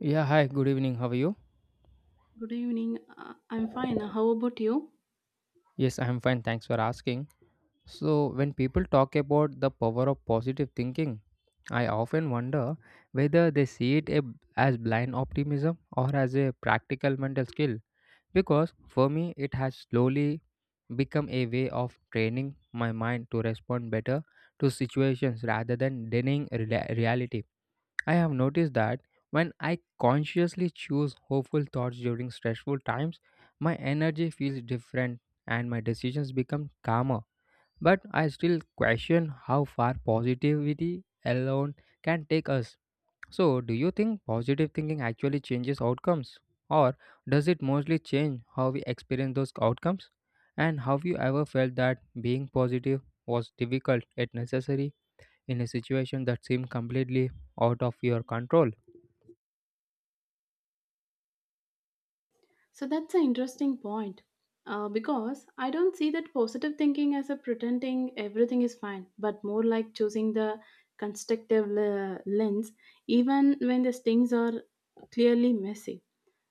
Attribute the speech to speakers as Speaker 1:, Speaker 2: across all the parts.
Speaker 1: Yeah, hi, good evening. How are you?
Speaker 2: Good evening. I'm fine. How about you?
Speaker 1: Yes, I am fine. Thanks for asking. So, when people talk about the power of positive thinking, I often wonder whether they see it as blind optimism or as a practical mental skill. Because for me, it has slowly become a way of training my mind to respond better to situations rather than denying reality. I have noticed that when I consciously choose hopeful thoughts during stressful times, my energy feels different and my decisions become calmer. But I still question how far positivity alone can take us. So, do you think positive thinking actually changes outcomes? Or does it mostly change how we experience those outcomes? And have you ever felt that being positive was difficult yet necessary in a situation that seemed completely out of your control?
Speaker 2: So that's an interesting point. Because I don't see that positive thinking as a pretending everything is fine, but more like choosing the lens, even when the things are clearly messy.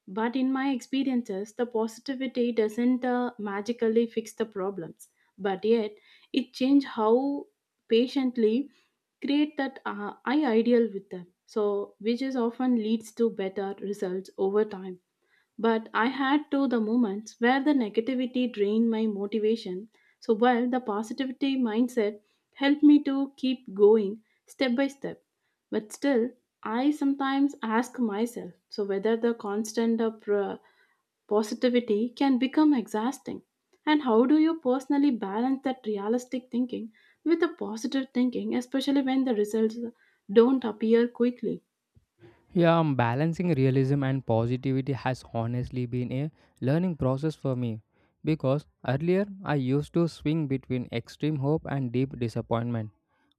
Speaker 2: But in my experiences, the positivity doesn't magically fix the problems, but yet it changes how patiently create that I ideal with them. So, which is often leads to better results over time. But I had to the moments where the negativity drained my motivation. So while the positivity mindset helped me to keep going step by step. But still, I sometimes ask myself so whether the constant of positivity can become exhausting. And how do you personally balance that realistic thinking with the positive thinking, especially when the results don't appear quickly?
Speaker 1: Yeah, balancing realism and positivity has honestly been a learning process for me because earlier I used to swing between extreme hope and deep disappointment.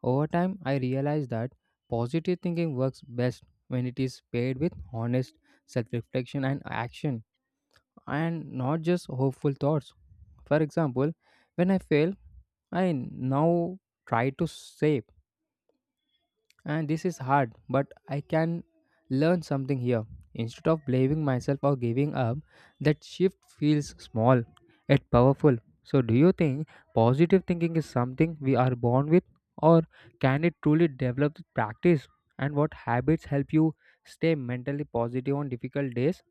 Speaker 1: Over time, I realized that positive thinking works best when it is paired with honest self reflection and action, and not just hopeful thoughts. For example, when I fail, I now try to save, and this is hard, but I can learn something here. Instead of blaming myself or giving up, that shift feels small yet powerful. So, do you think positive thinking is something we are born with, or can it truly develop with practice? And what habits help you stay mentally positive on difficult days?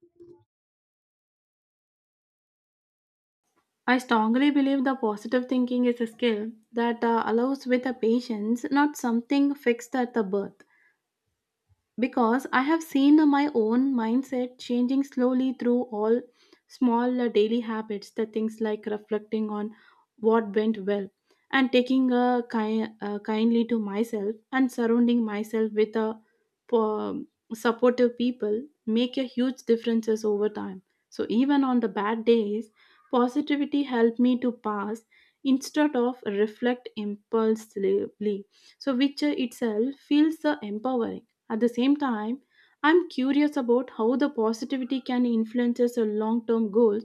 Speaker 2: I strongly believe the positive thinking is a skill that allows with the patience, not something fixed at the birth because I have seen my own mindset changing slowly through all small daily habits, the things like reflecting on what went well and taking kindly to myself and surrounding myself with a po- um, supportive people make a huge differences over time. So even on the bad days, positivity helped me to pass instead of reflect impulsively, so which itself feels empowering. At the same time, I'm curious about how the positivity can influences your long-term goals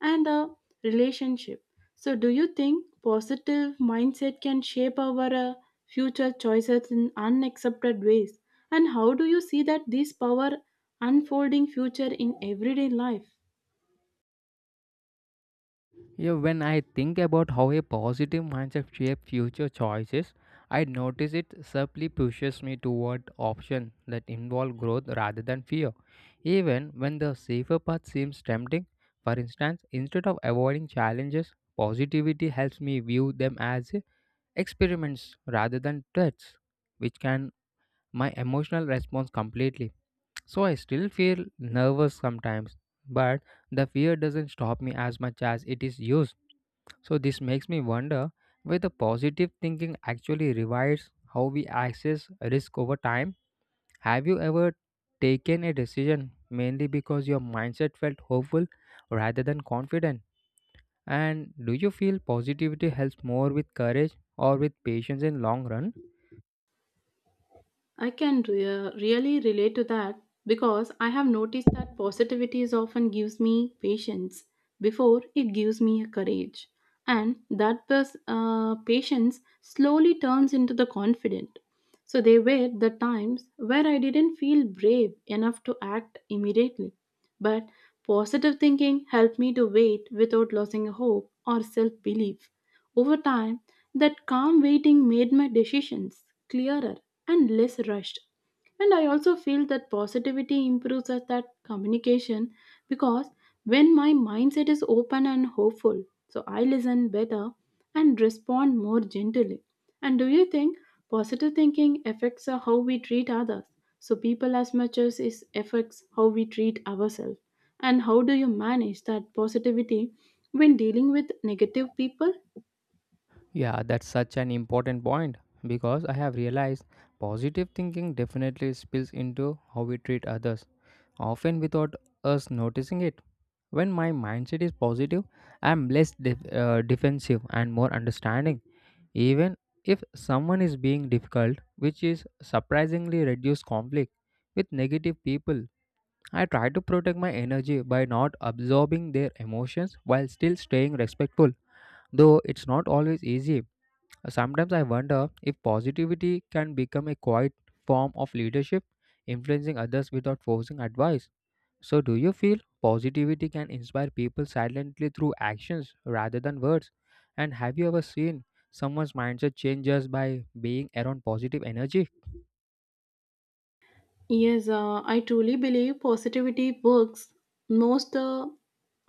Speaker 2: and a relationship. So, do you think positive mindset can shape our future choices in unaccepted ways? And how do you see that this power unfolding future in everyday life?
Speaker 1: Yeah, when I think about how a positive mindset shapes future choices, I notice it subtly pushes me toward options that involve growth rather than fear. Even when the safer path seems tempting, for instance, instead of avoiding challenges, positivity helps me view them as experiments rather than threats, which can my emotional response completely. So I still feel nervous sometimes, but the fear doesn't stop me as much as it is used, so this makes me wonder whether positive thinking actually revives how we access risk over time. Have you ever taken a decision mainly because your mindset felt hopeful rather than confident? And do you feel positivity helps more with courage or with patience in long run?
Speaker 2: Really relate to that because I have noticed that positivity is often gives me patience before it gives me a courage, and that patience slowly turns into the confident. So there were the times where I didn't feel brave enough to act immediately, but positive thinking helped me to wait without losing hope or self belief. Over time, that calm waiting made my decisions clearer and less rushed. And I also feel that positivity improves at that communication because when my mindset is open and hopeful, so I listen better and respond more gently. And do you think positive thinking affects how we treat others? So people as much as it affects how we treat ourselves. And how do you manage that positivity when dealing with negative people?
Speaker 1: Yeah, that's such an important point because I have realized positive thinking definitely spills into how we treat others, often without us noticing it. When my mindset is positive, I am less defensive and more understanding. Even if someone is being difficult, which is surprisingly reduced conflict with negative people, I try to protect my energy by not absorbing their emotions while still staying respectful. Though it's not always easy, sometimes I wonder if positivity can become a quiet form of leadership, influencing others without forcing advice. So, do you feel positivity can inspire people silently through actions rather than words? And have you ever seen someone's mindset change just by being around positive energy?
Speaker 2: Yes, I truly believe positivity works most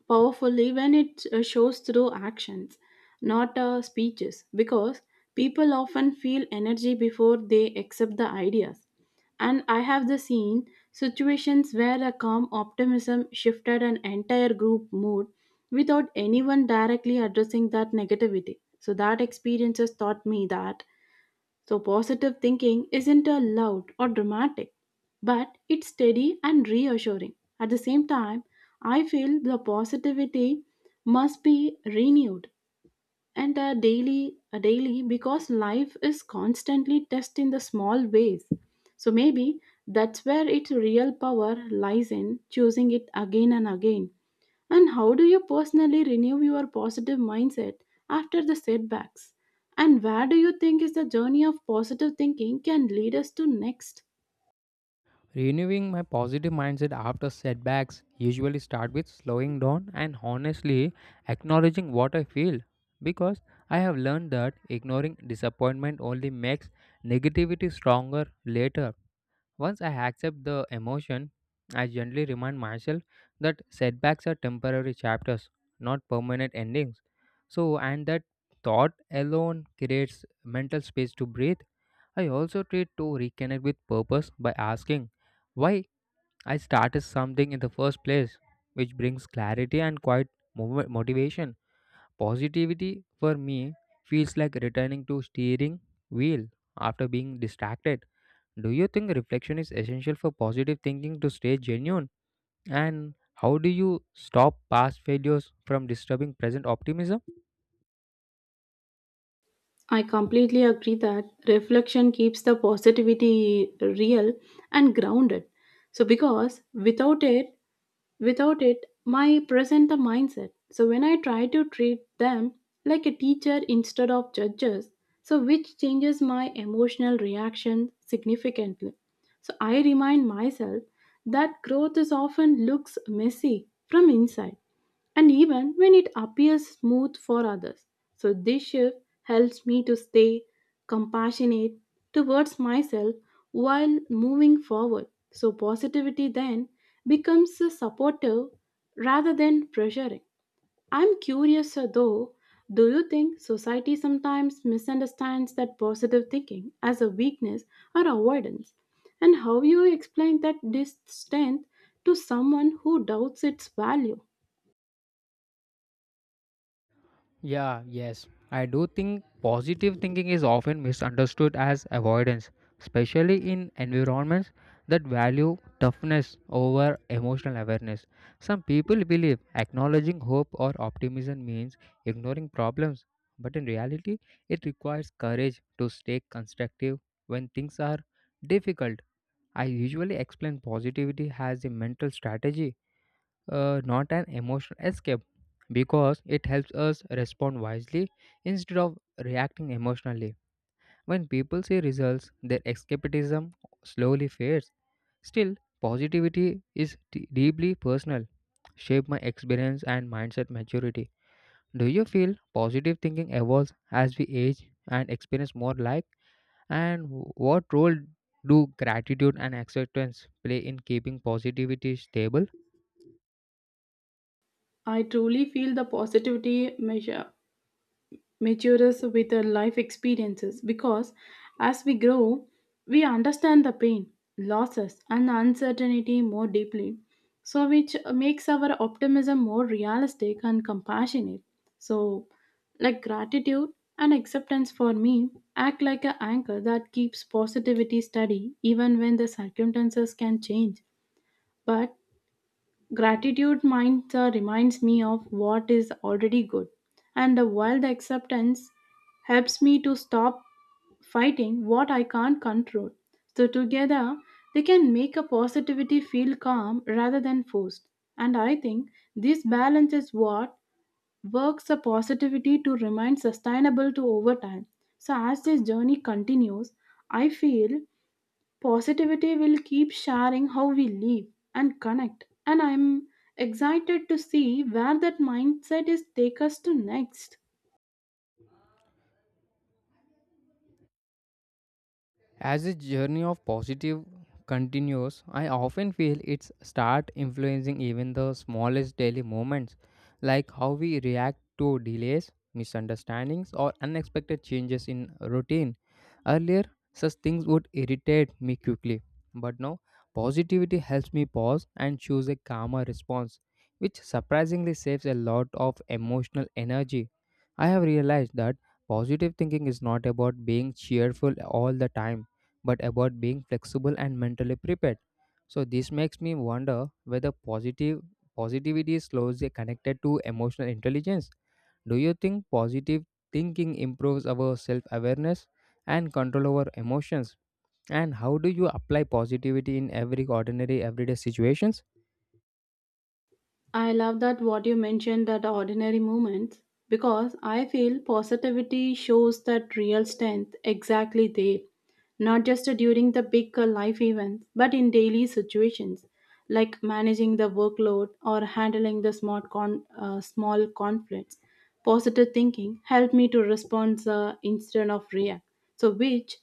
Speaker 2: powerfully when it shows through actions, not speeches, because people often feel energy before they accept the ideas. And I have the seen situations where a calm optimism shifted an entire group mood without anyone directly addressing that negativity. So that experiences taught me that so, positive thinking isn't a loud or dramatic, but it's steady and reassuring. At the same time, I feel the positivity must be renewed and daily because life is constantly tested in the small ways. So maybe that's where its real power lies in choosing it again and again. And how do you personally renew your positive mindset after the setbacks? And where do you think is the journey of positive thinking can lead us to next?
Speaker 1: Renewing my positive mindset after setbacks usually start with slowing down and honestly acknowledging what I feel because I have learned that ignoring disappointment only makes negativity stronger later. Once I accept the emotion, I gently remind myself that setbacks are temporary chapters, not permanent endings. So, and that thought alone creates mental space to breathe. I also try to reconnect with purpose by asking why I started something in the first place, which brings clarity and quiet motivation. Positivity for me feels like returning to steering wheel after being distracted. Do you think reflection is essential for positive thinking to stay genuine? And how do you stop past failures from disturbing present optimism?
Speaker 2: I completely agree that reflection keeps the positivity real and grounded. So, because without it, Without it, my present the mindset. So when I try to treat them like a teacher instead of judges, so which changes my emotional reaction significantly. So I remind myself that growth is often looks messy from inside and even when it appears smooth for others. So, this shift helps me to stay compassionate towards myself while moving forward. So, positivity then becomes a supportive rather than pressuring. I'm curious though, do you think society sometimes misunderstands that positive thinking as a weakness or avoidance? And how you explain that this strength to someone who doubts its value?
Speaker 1: Yeah, yes. I do think positive thinking is often misunderstood as avoidance, especially in environments that value toughness over emotional awareness. Some people believe acknowledging hope or optimism means ignoring problems, but in reality, it requires courage to stay constructive when things are difficult. I usually explain positivity as a mental strategy, not an emotional escape because it helps us respond wisely instead of reacting emotionally. When people see results, their escapism slowly fades. Still, positivity is deeply personal, shaped my experience and mindset maturity. Do you feel positive thinking evolves as we age and experience more life? And what role do gratitude and acceptance play in keeping positivity stable?
Speaker 2: I truly feel the positivity measure matures with our life experiences because as we grow, we understand the pain, losses, and uncertainty more deeply, so which makes our optimism more realistic and compassionate. So, like gratitude and acceptance for me act like an anchor that keeps positivity steady even when the circumstances can change. But Gratitude reminds me of what is already good, and while the acceptance helps me to stop fighting what I can't control. So, together, they can make a positivity feel calm rather than forced. And I think this balance is what works a positivity to remain sustainable to over time. So, as this journey continues, I feel Positivity will keep sharing how we live and connect, and I'm excited to see where that mindset is take us to next.
Speaker 1: As this journey of positive continues, I often feel it's start influencing even the smallest daily moments, like how we react to delays, misunderstandings, or unexpected changes in routine. Earlier, such things would irritate me quickly, but now positivity helps me pause and choose a calmer response, which surprisingly saves a lot of emotional energy. I have realized that positive thinking is not about being cheerful all the time but about being flexible and mentally prepared. So this makes me wonder whether positive positivity is closely connected to emotional intelligence. Do you think positive thinking improves our self-awareness and control over emotions? And how do you apply positivity in every ordinary everyday situations?
Speaker 2: I love that what you mentioned that ordinary moments because I feel positivity shows that real strength exactly there, not just during the big life events, but in daily situations like managing the workload or handling the small conflicts. Positive thinking helped me to respond instead of react, so which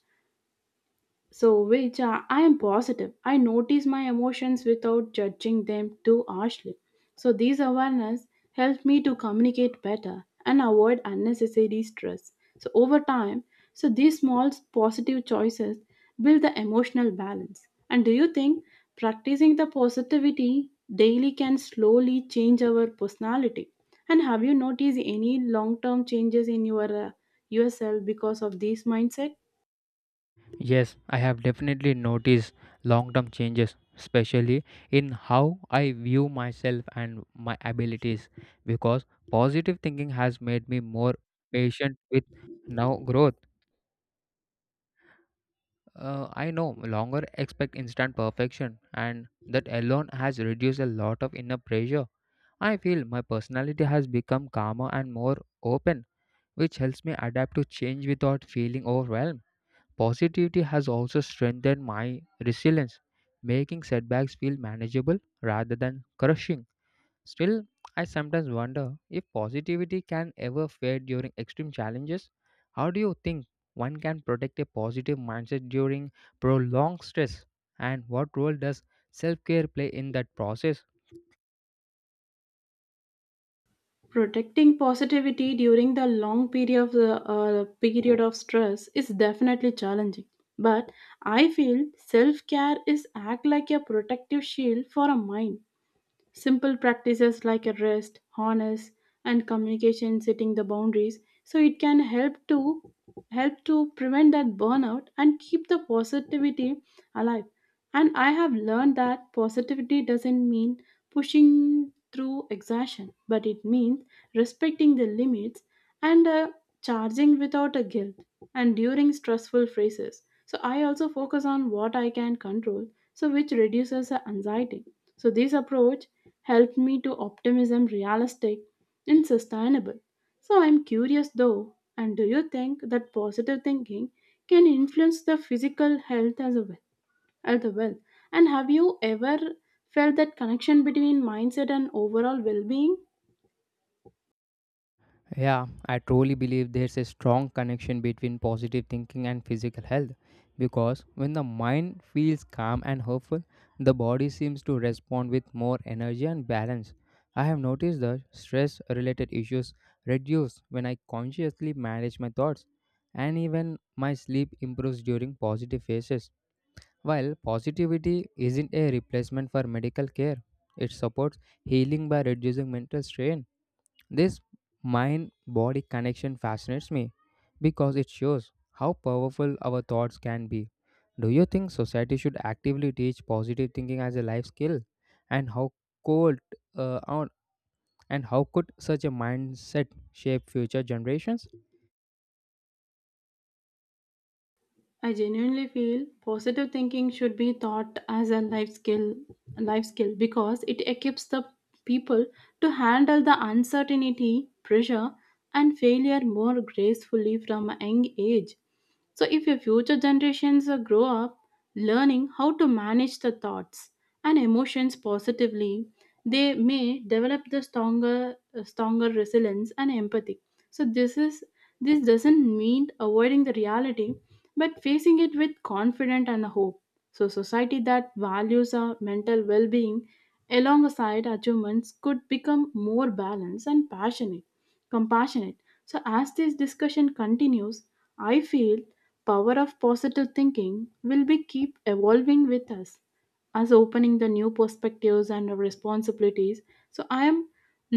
Speaker 2: so which I am positive. I notice my emotions without judging them too harshly. So, these awareness help me to communicate better and avoid unnecessary stress. So, over time, so these small positive choices build the emotional balance. And do you think practicing the positivity daily can slowly change our personality? And have you noticed any long-term changes in your yourself because of this mindset?
Speaker 1: Yes, I have definitely noticed long term changes, especially in how I view myself and my abilities, because positive thinking has made me more patient with now growth. I no longer expect instant perfection, and that alone has reduced a lot of inner pressure. I feel my personality has become calmer and more open, which helps me adapt to change without feeling overwhelmed. Positivity has also strengthened my resilience, making setbacks feel manageable rather than crushing. Still, I sometimes wonder if positivity can ever fade during extreme challenges. How do you think one can protect a positive mindset during prolonged stress? And what role does self care play in that process?
Speaker 2: Protecting positivity during the long period of stress is definitely challenging but I feel self care is act like a protective shield for a mind. Simple practices like a rest, harness, and communication setting the boundaries so it can help to prevent that burnout and keep the positivity alive. And I have learned that positivity doesn't mean pushing through exhaustion, but it means respecting the limits and charging without a guilt and during stressful phases. So I also focus on what I can control, so which reduces the anxiety so this approach helped me to optimism realistic and sustainable. So I'm curious though, and do you think that positive thinking can influence the physical health as well? As well? And have you ever felt that connection between mindset and overall well-being?
Speaker 1: Yeah, I truly believe there's a strong connection between positive thinking and physical health because when the mind feels calm and hopeful, the body seems to respond with more energy and balance. I have noticed that stress related issues reduce when I consciously manage my thoughts, and even my sleep improves during positive phases. While positivity isn't a replacement for medical care, it supports healing by reducing mental strain. This mind body connection fascinates me because it shows how powerful our thoughts can be. Do you think society should actively teach positive thinking as a life skill? And how could uh, on- and how could such a mindset shape future generations?
Speaker 2: I genuinely feel positive thinking should be taught as a life skill because it equips the people to handle the uncertainty, pressure and failure more gracefully from a young age. So if your future generations grow up learning how to manage the thoughts and emotions positively, they may develop the stronger stronger resilience and empathy. So this doesn't mean avoiding the reality but facing it with confidence and hope. So, society that values our mental well being alongside achievements could become more balanced and compassionate. So, as this discussion continues, I feel power of positive thinking will be keep evolving with us as opening the new perspectives and responsibilities so I am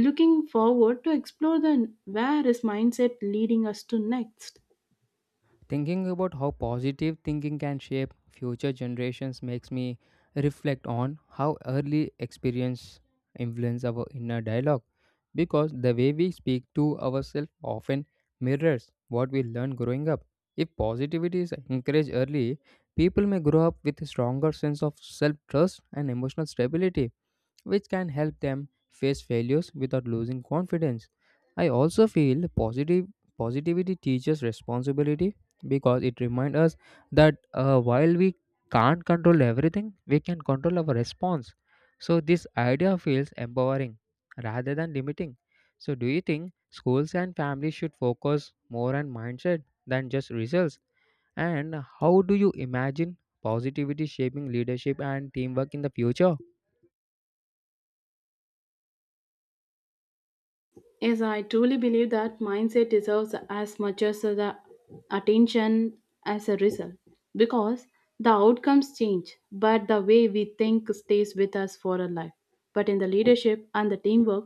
Speaker 2: looking forward to explore the where is mindset leading us to next.
Speaker 1: Thinking about how positive thinking can shape future generations makes me reflect on how early experience influence our inner dialogue because the way we speak to ourselves often mirrors what we learn growing up. If positivity is encouraged early, people may grow up with a stronger sense of self-trust and emotional stability which can help them face failures without losing confidence. I also feel positive positivity teaches responsibility because it reminds us that while we can't control everything, we can control our response. So this idea feels empowering rather than limiting. So do you think schools and families should focus more on mindset than just results? And how do you imagine positivity shaping leadership and teamwork in the future?
Speaker 2: Yes, I truly believe that mindset deserves as much as the attention as a result because the outcomes change, but the way we think stays with us for a life. But in the leadership and the teamwork,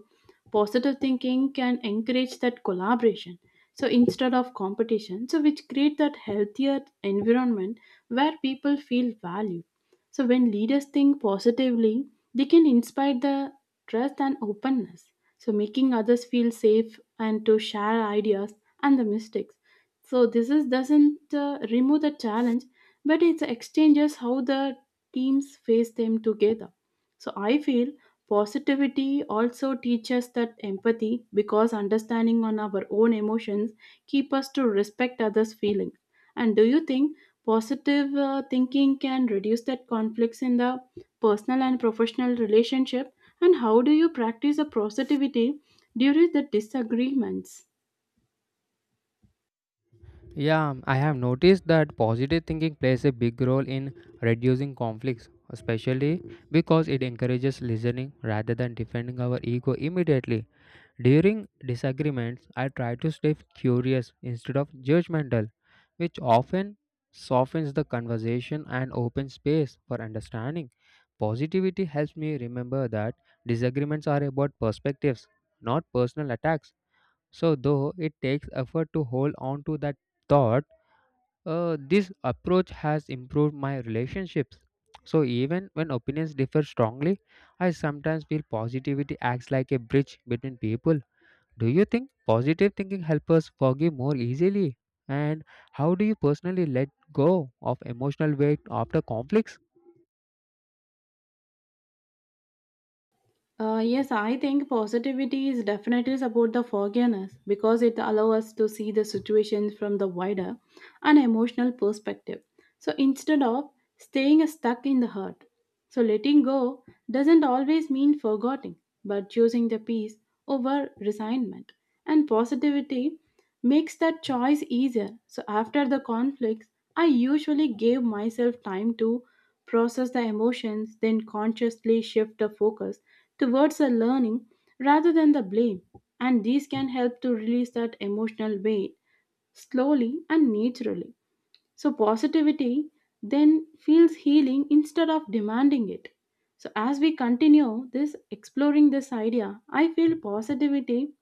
Speaker 2: positive thinking can encourage that collaboration. So instead of competition, so which create that healthier environment where people feel valued. So when leaders think positively, they can inspire the trust and openness so making others feel safe and to share ideas and the mistakes so this is doesn't remove the challenge but it exchanges how the teams face them together so I feel Positivity also teaches that empathy because understanding on our own emotions keep us to respect others' feelings. And do you think positive thinking can reduce that conflicts in the personal and professional relationship? And how do you practice a positivity during the disagreements?
Speaker 1: Yeah, I have noticed that positive thinking plays a big role in reducing conflicts, especially because it encourages listening rather than defending our ego immediately. During disagreements, I try to stay curious instead of judgmental, which often softens the conversation and opens space for understanding. Positivity helps me remember that disagreements are about perspectives, not personal attacks. So, though it takes effort to hold on to that thought, this approach has improved my relationships. So, even when opinions differ strongly, I sometimes feel positivity acts like a bridge between people. Do you think positive thinking helps us forgive more easily? And how do you personally let go of emotional weight after conflicts?
Speaker 2: Yes, I think positivity is definitely about the forgiveness because it allows us to see the situation from the wider and emotional perspective. So instead of staying stuck in the hurt, so letting go doesn't always mean forgetting, but choosing the peace over resignment. And positivity makes that choice easier. So after the conflicts, I usually gave myself time to process the emotions, then consciously shift the focus towards the learning rather than the blame, and these can help to release that emotional weight slowly and naturally. So, positivity then feels healing instead of demanding it. So, as we continue this exploring this idea, I feel positivity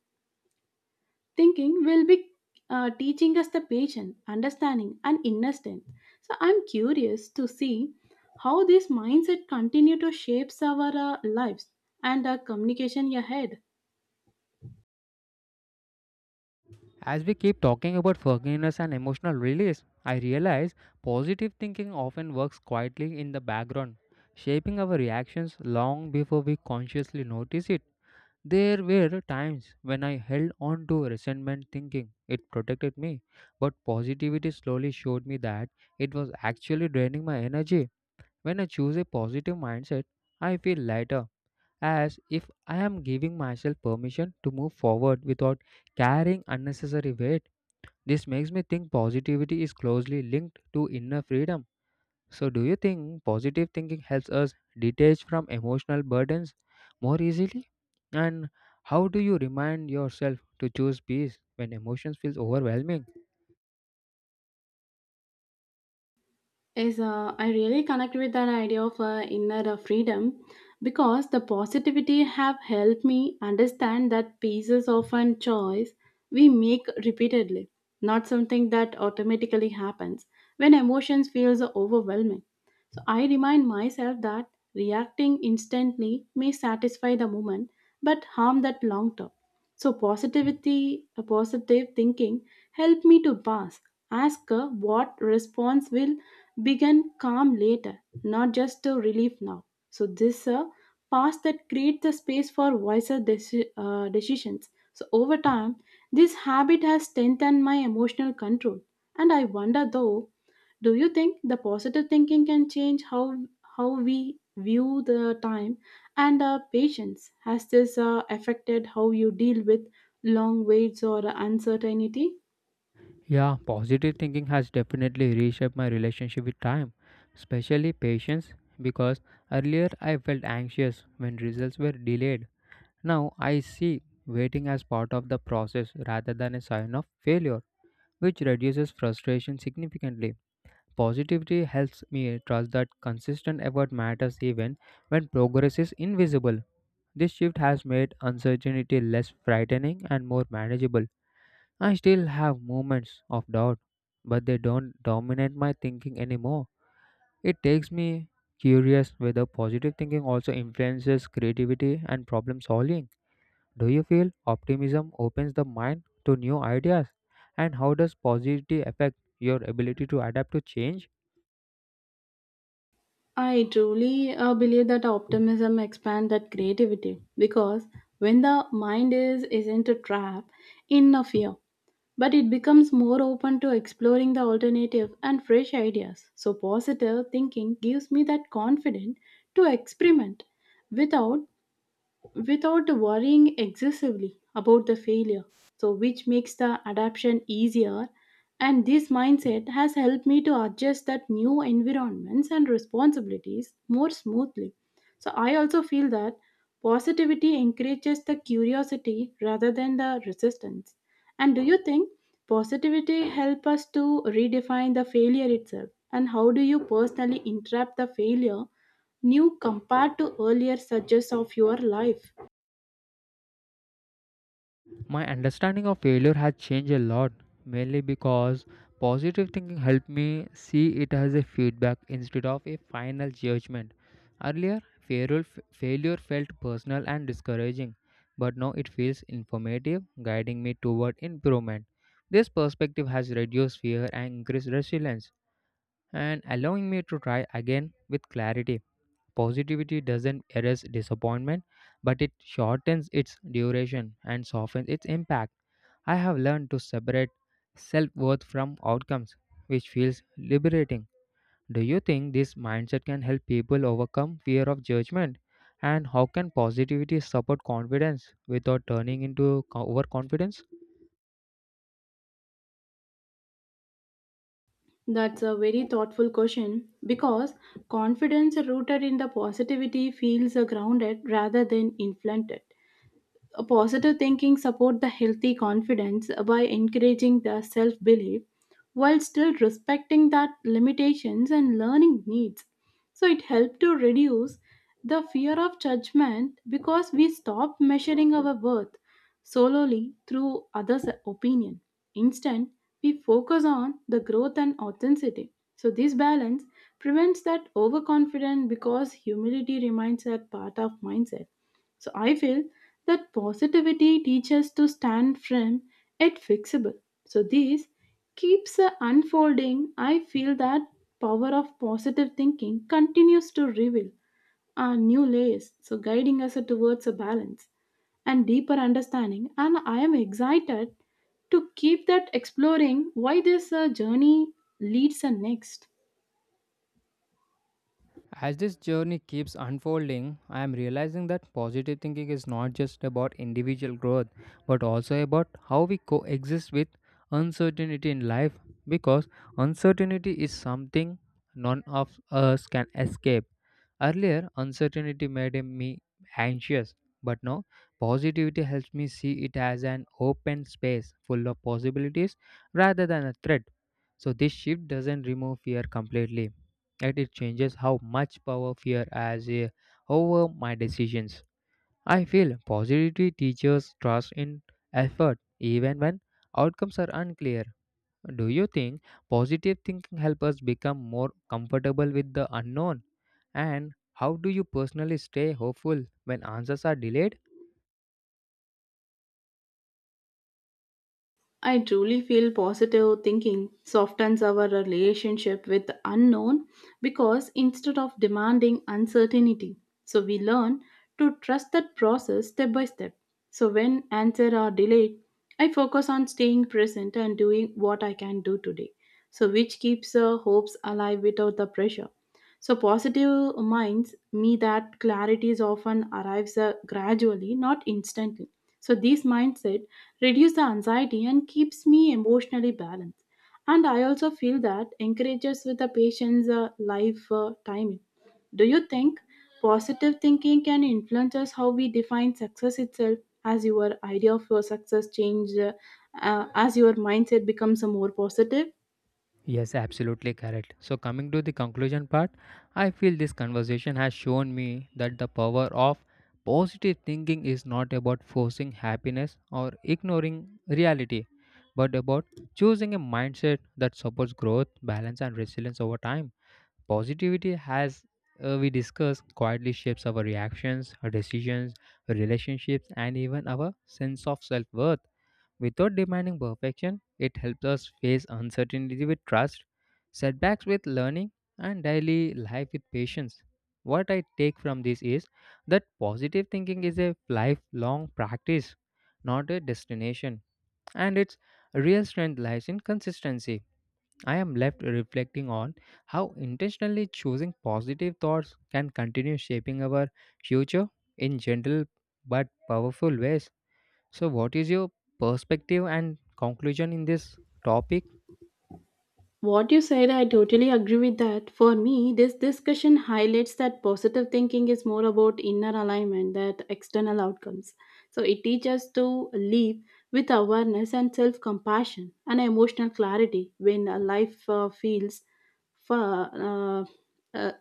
Speaker 2: thinking will be teaching us the patience, understanding, and inner strength. So, I'm curious to see how this mindset continue to shapes our lives and our communication ahead.
Speaker 1: As we keep talking about forgiveness and emotional release, I realize positive thinking often works quietly in the background, shaping our reactions long before we consciously notice it. There were times when I held on to resentment thinking it protected me, but positivity slowly showed me that it was actually draining my energy. When I choose a positive mindset, I feel lighter, as if I am giving myself permission to move forward without carrying unnecessary weight. This makes me think positivity is closely linked to inner freedom. So, do you think positive thinking helps us detach from emotional burdens more easily? And how do you remind yourself to choose peace when emotions feels overwhelming?
Speaker 2: Is I really connect with that idea of inner freedom because the positivity have helped me understand that pieces of an choice we make repeatedly, not something that automatically happens when emotions feels overwhelming. So I remind myself that reacting instantly may satisfy the moment but harm that long term. So positivity, a positive thinking help me to pass. Ask what response will began calm later, not just a relief now. So this past that creates the space for wiser decisions. So over time, this habit has strengthened my emotional control. And I wonder though, do you think the positive thinking can change how we view the time and patience? Has this affected how you deal with long waits or uncertainty?
Speaker 1: Yeah, positive thinking has definitely reshaped my relationship with time, especially patience because earlier I felt anxious when results were delayed. Now I see waiting as part of the process rather than a sign of failure, which reduces frustration significantly. Positivity helps me trust that consistent effort matters even when progress is invisible. This shift has made uncertainty less frightening and more manageable. I still have moments of doubt, but they don't dominate my thinking anymore. It takes me curious whether positive thinking also influences creativity and problem solving. Do you feel optimism opens the mind to new ideas? And how does positivity affect your ability to adapt to change?
Speaker 2: I truly believe that optimism expands that creativity because when the mind is isn't a trap in a fear, but it becomes more open to exploring the alternative and fresh ideas. So positive thinking gives me that confidence to experiment without without worrying excessively about the failure, so which makes the adaptation easier, and this mindset has helped me to adjust that new environments and responsibilities more smoothly. So I also feel that positivity encourages the curiosity rather than the resistance. And do you think positivity help us to redefine the failure itself, and how do you personally interpret the failure new compared to earlier stages of your life?
Speaker 1: My understanding of failure has changed a lot, mainly because positive thinking helped me see it as a feedback instead of a final judgment. Earlier, failure, failure felt personal and discouraging, but now it feels informative, guiding me toward improvement. This perspective has reduced fear and increased resilience, and allowing me to try again with clarity. Positivity doesn't erase disappointment, but it shortens its duration and softens its impact. I have learned to separate self worth from outcomes, which feels liberating. Do you think this mindset can help people overcome fear of judgment? And how can positivity support confidence without turning into overconfidence?
Speaker 2: That's a very thoughtful question because confidence rooted in the positivity feels grounded rather than inflated. A positive thinking support the healthy confidence by encouraging the self-belief while still respecting that limitations and learning needs. So it helps to reduce the fear of judgment because we stop measuring our worth solely through others' opinion. Instead, we focus on the growth and authenticity. So this balance prevents that overconfidence because humility remains a part of mindset. So I feel that positivity teaches to stand firm yet fixable. So this keeps unfolding. I feel that power of positive thinking continues to reveal new layers, so guiding us towards a balance and deeper understanding. And I am excited to keep that exploring why this journey leads us next.
Speaker 1: As this journey keeps unfolding, I am realizing that positive thinking is not just about individual growth, but also about how we coexist with uncertainty in life because uncertainty is something none of us can escape. Earlier, uncertainty made me anxious, but now positivity helps me see it as an open space full of possibilities rather than a threat. So, this shift doesn't remove fear completely yet it changes how much power fear has over my decisions. I feel positivity teaches trust in effort even when outcomes are unclear. Do you think positive thinking helps us become more comfortable with the unknown? And how do you personally stay hopeful when answers are delayed?
Speaker 2: I truly feel positive thinking softens our relationship with unknown because instead of demanding uncertainty, so we learn to trust that process step by step. So when answers are delayed, I focus on staying present and doing what I can do today. So which keeps hopes alive without the pressure. So positive minds me that clarities often arrives gradually, not instantly. So this mindset reduce the anxiety and keeps me emotionally balanced, and I also feel that encourages with the patient's life timing. Do you think positive thinking can influence us how we define success itself as your idea of your success changed as your mindset becomes a more positive?
Speaker 1: Yes, absolutely correct. So, coming to the conclusion part, I feel this conversation has shown me that the power of positive thinking is not about forcing happiness or ignoring reality, but about choosing a mindset that supports growth, balance, and resilience over time. Positivity has we discussed quietly shapes our reactions, our decisions, our relationships, and even our sense of self worth. Without demanding perfection, it helps us face uncertainty with trust, setbacks with learning, and daily life with patience. What I take from this is that positive thinking is a lifelong practice, not a destination, and its real strength lies in consistency. I am left reflecting on how intentionally choosing positive thoughts can continue shaping our future in gentle but powerful ways. So, what is your perspective and conclusion in this topic?
Speaker 2: What you said, I totally agree with that. For me, this discussion highlights that positive thinking is more about inner alignment than external outcomes. So it teaches us to live with awareness and self compassion and emotional clarity when a life feels for, uh,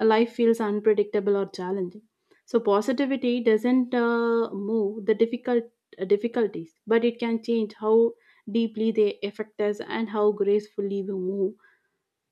Speaker 2: life feels unpredictable or challenging. So positivity doesn't move the difficulties, but it can change how deeply they affect us and how gracefully we move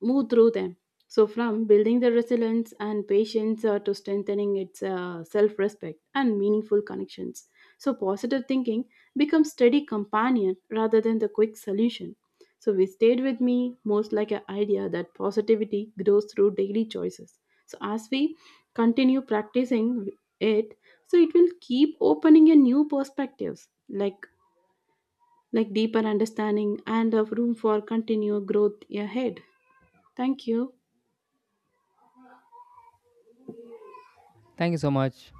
Speaker 2: move through them. So from building the resilience and patience to strengthening its self-respect and meaningful connections, so positive thinking becomes steady companion rather than the quick solution. So we stayed with me most like an idea that positivity grows through daily choices. So as we continue practicing it, so it will keep opening a new perspectives, like deeper understanding and of room for continued growth ahead. Thank you.
Speaker 1: Thank you so much.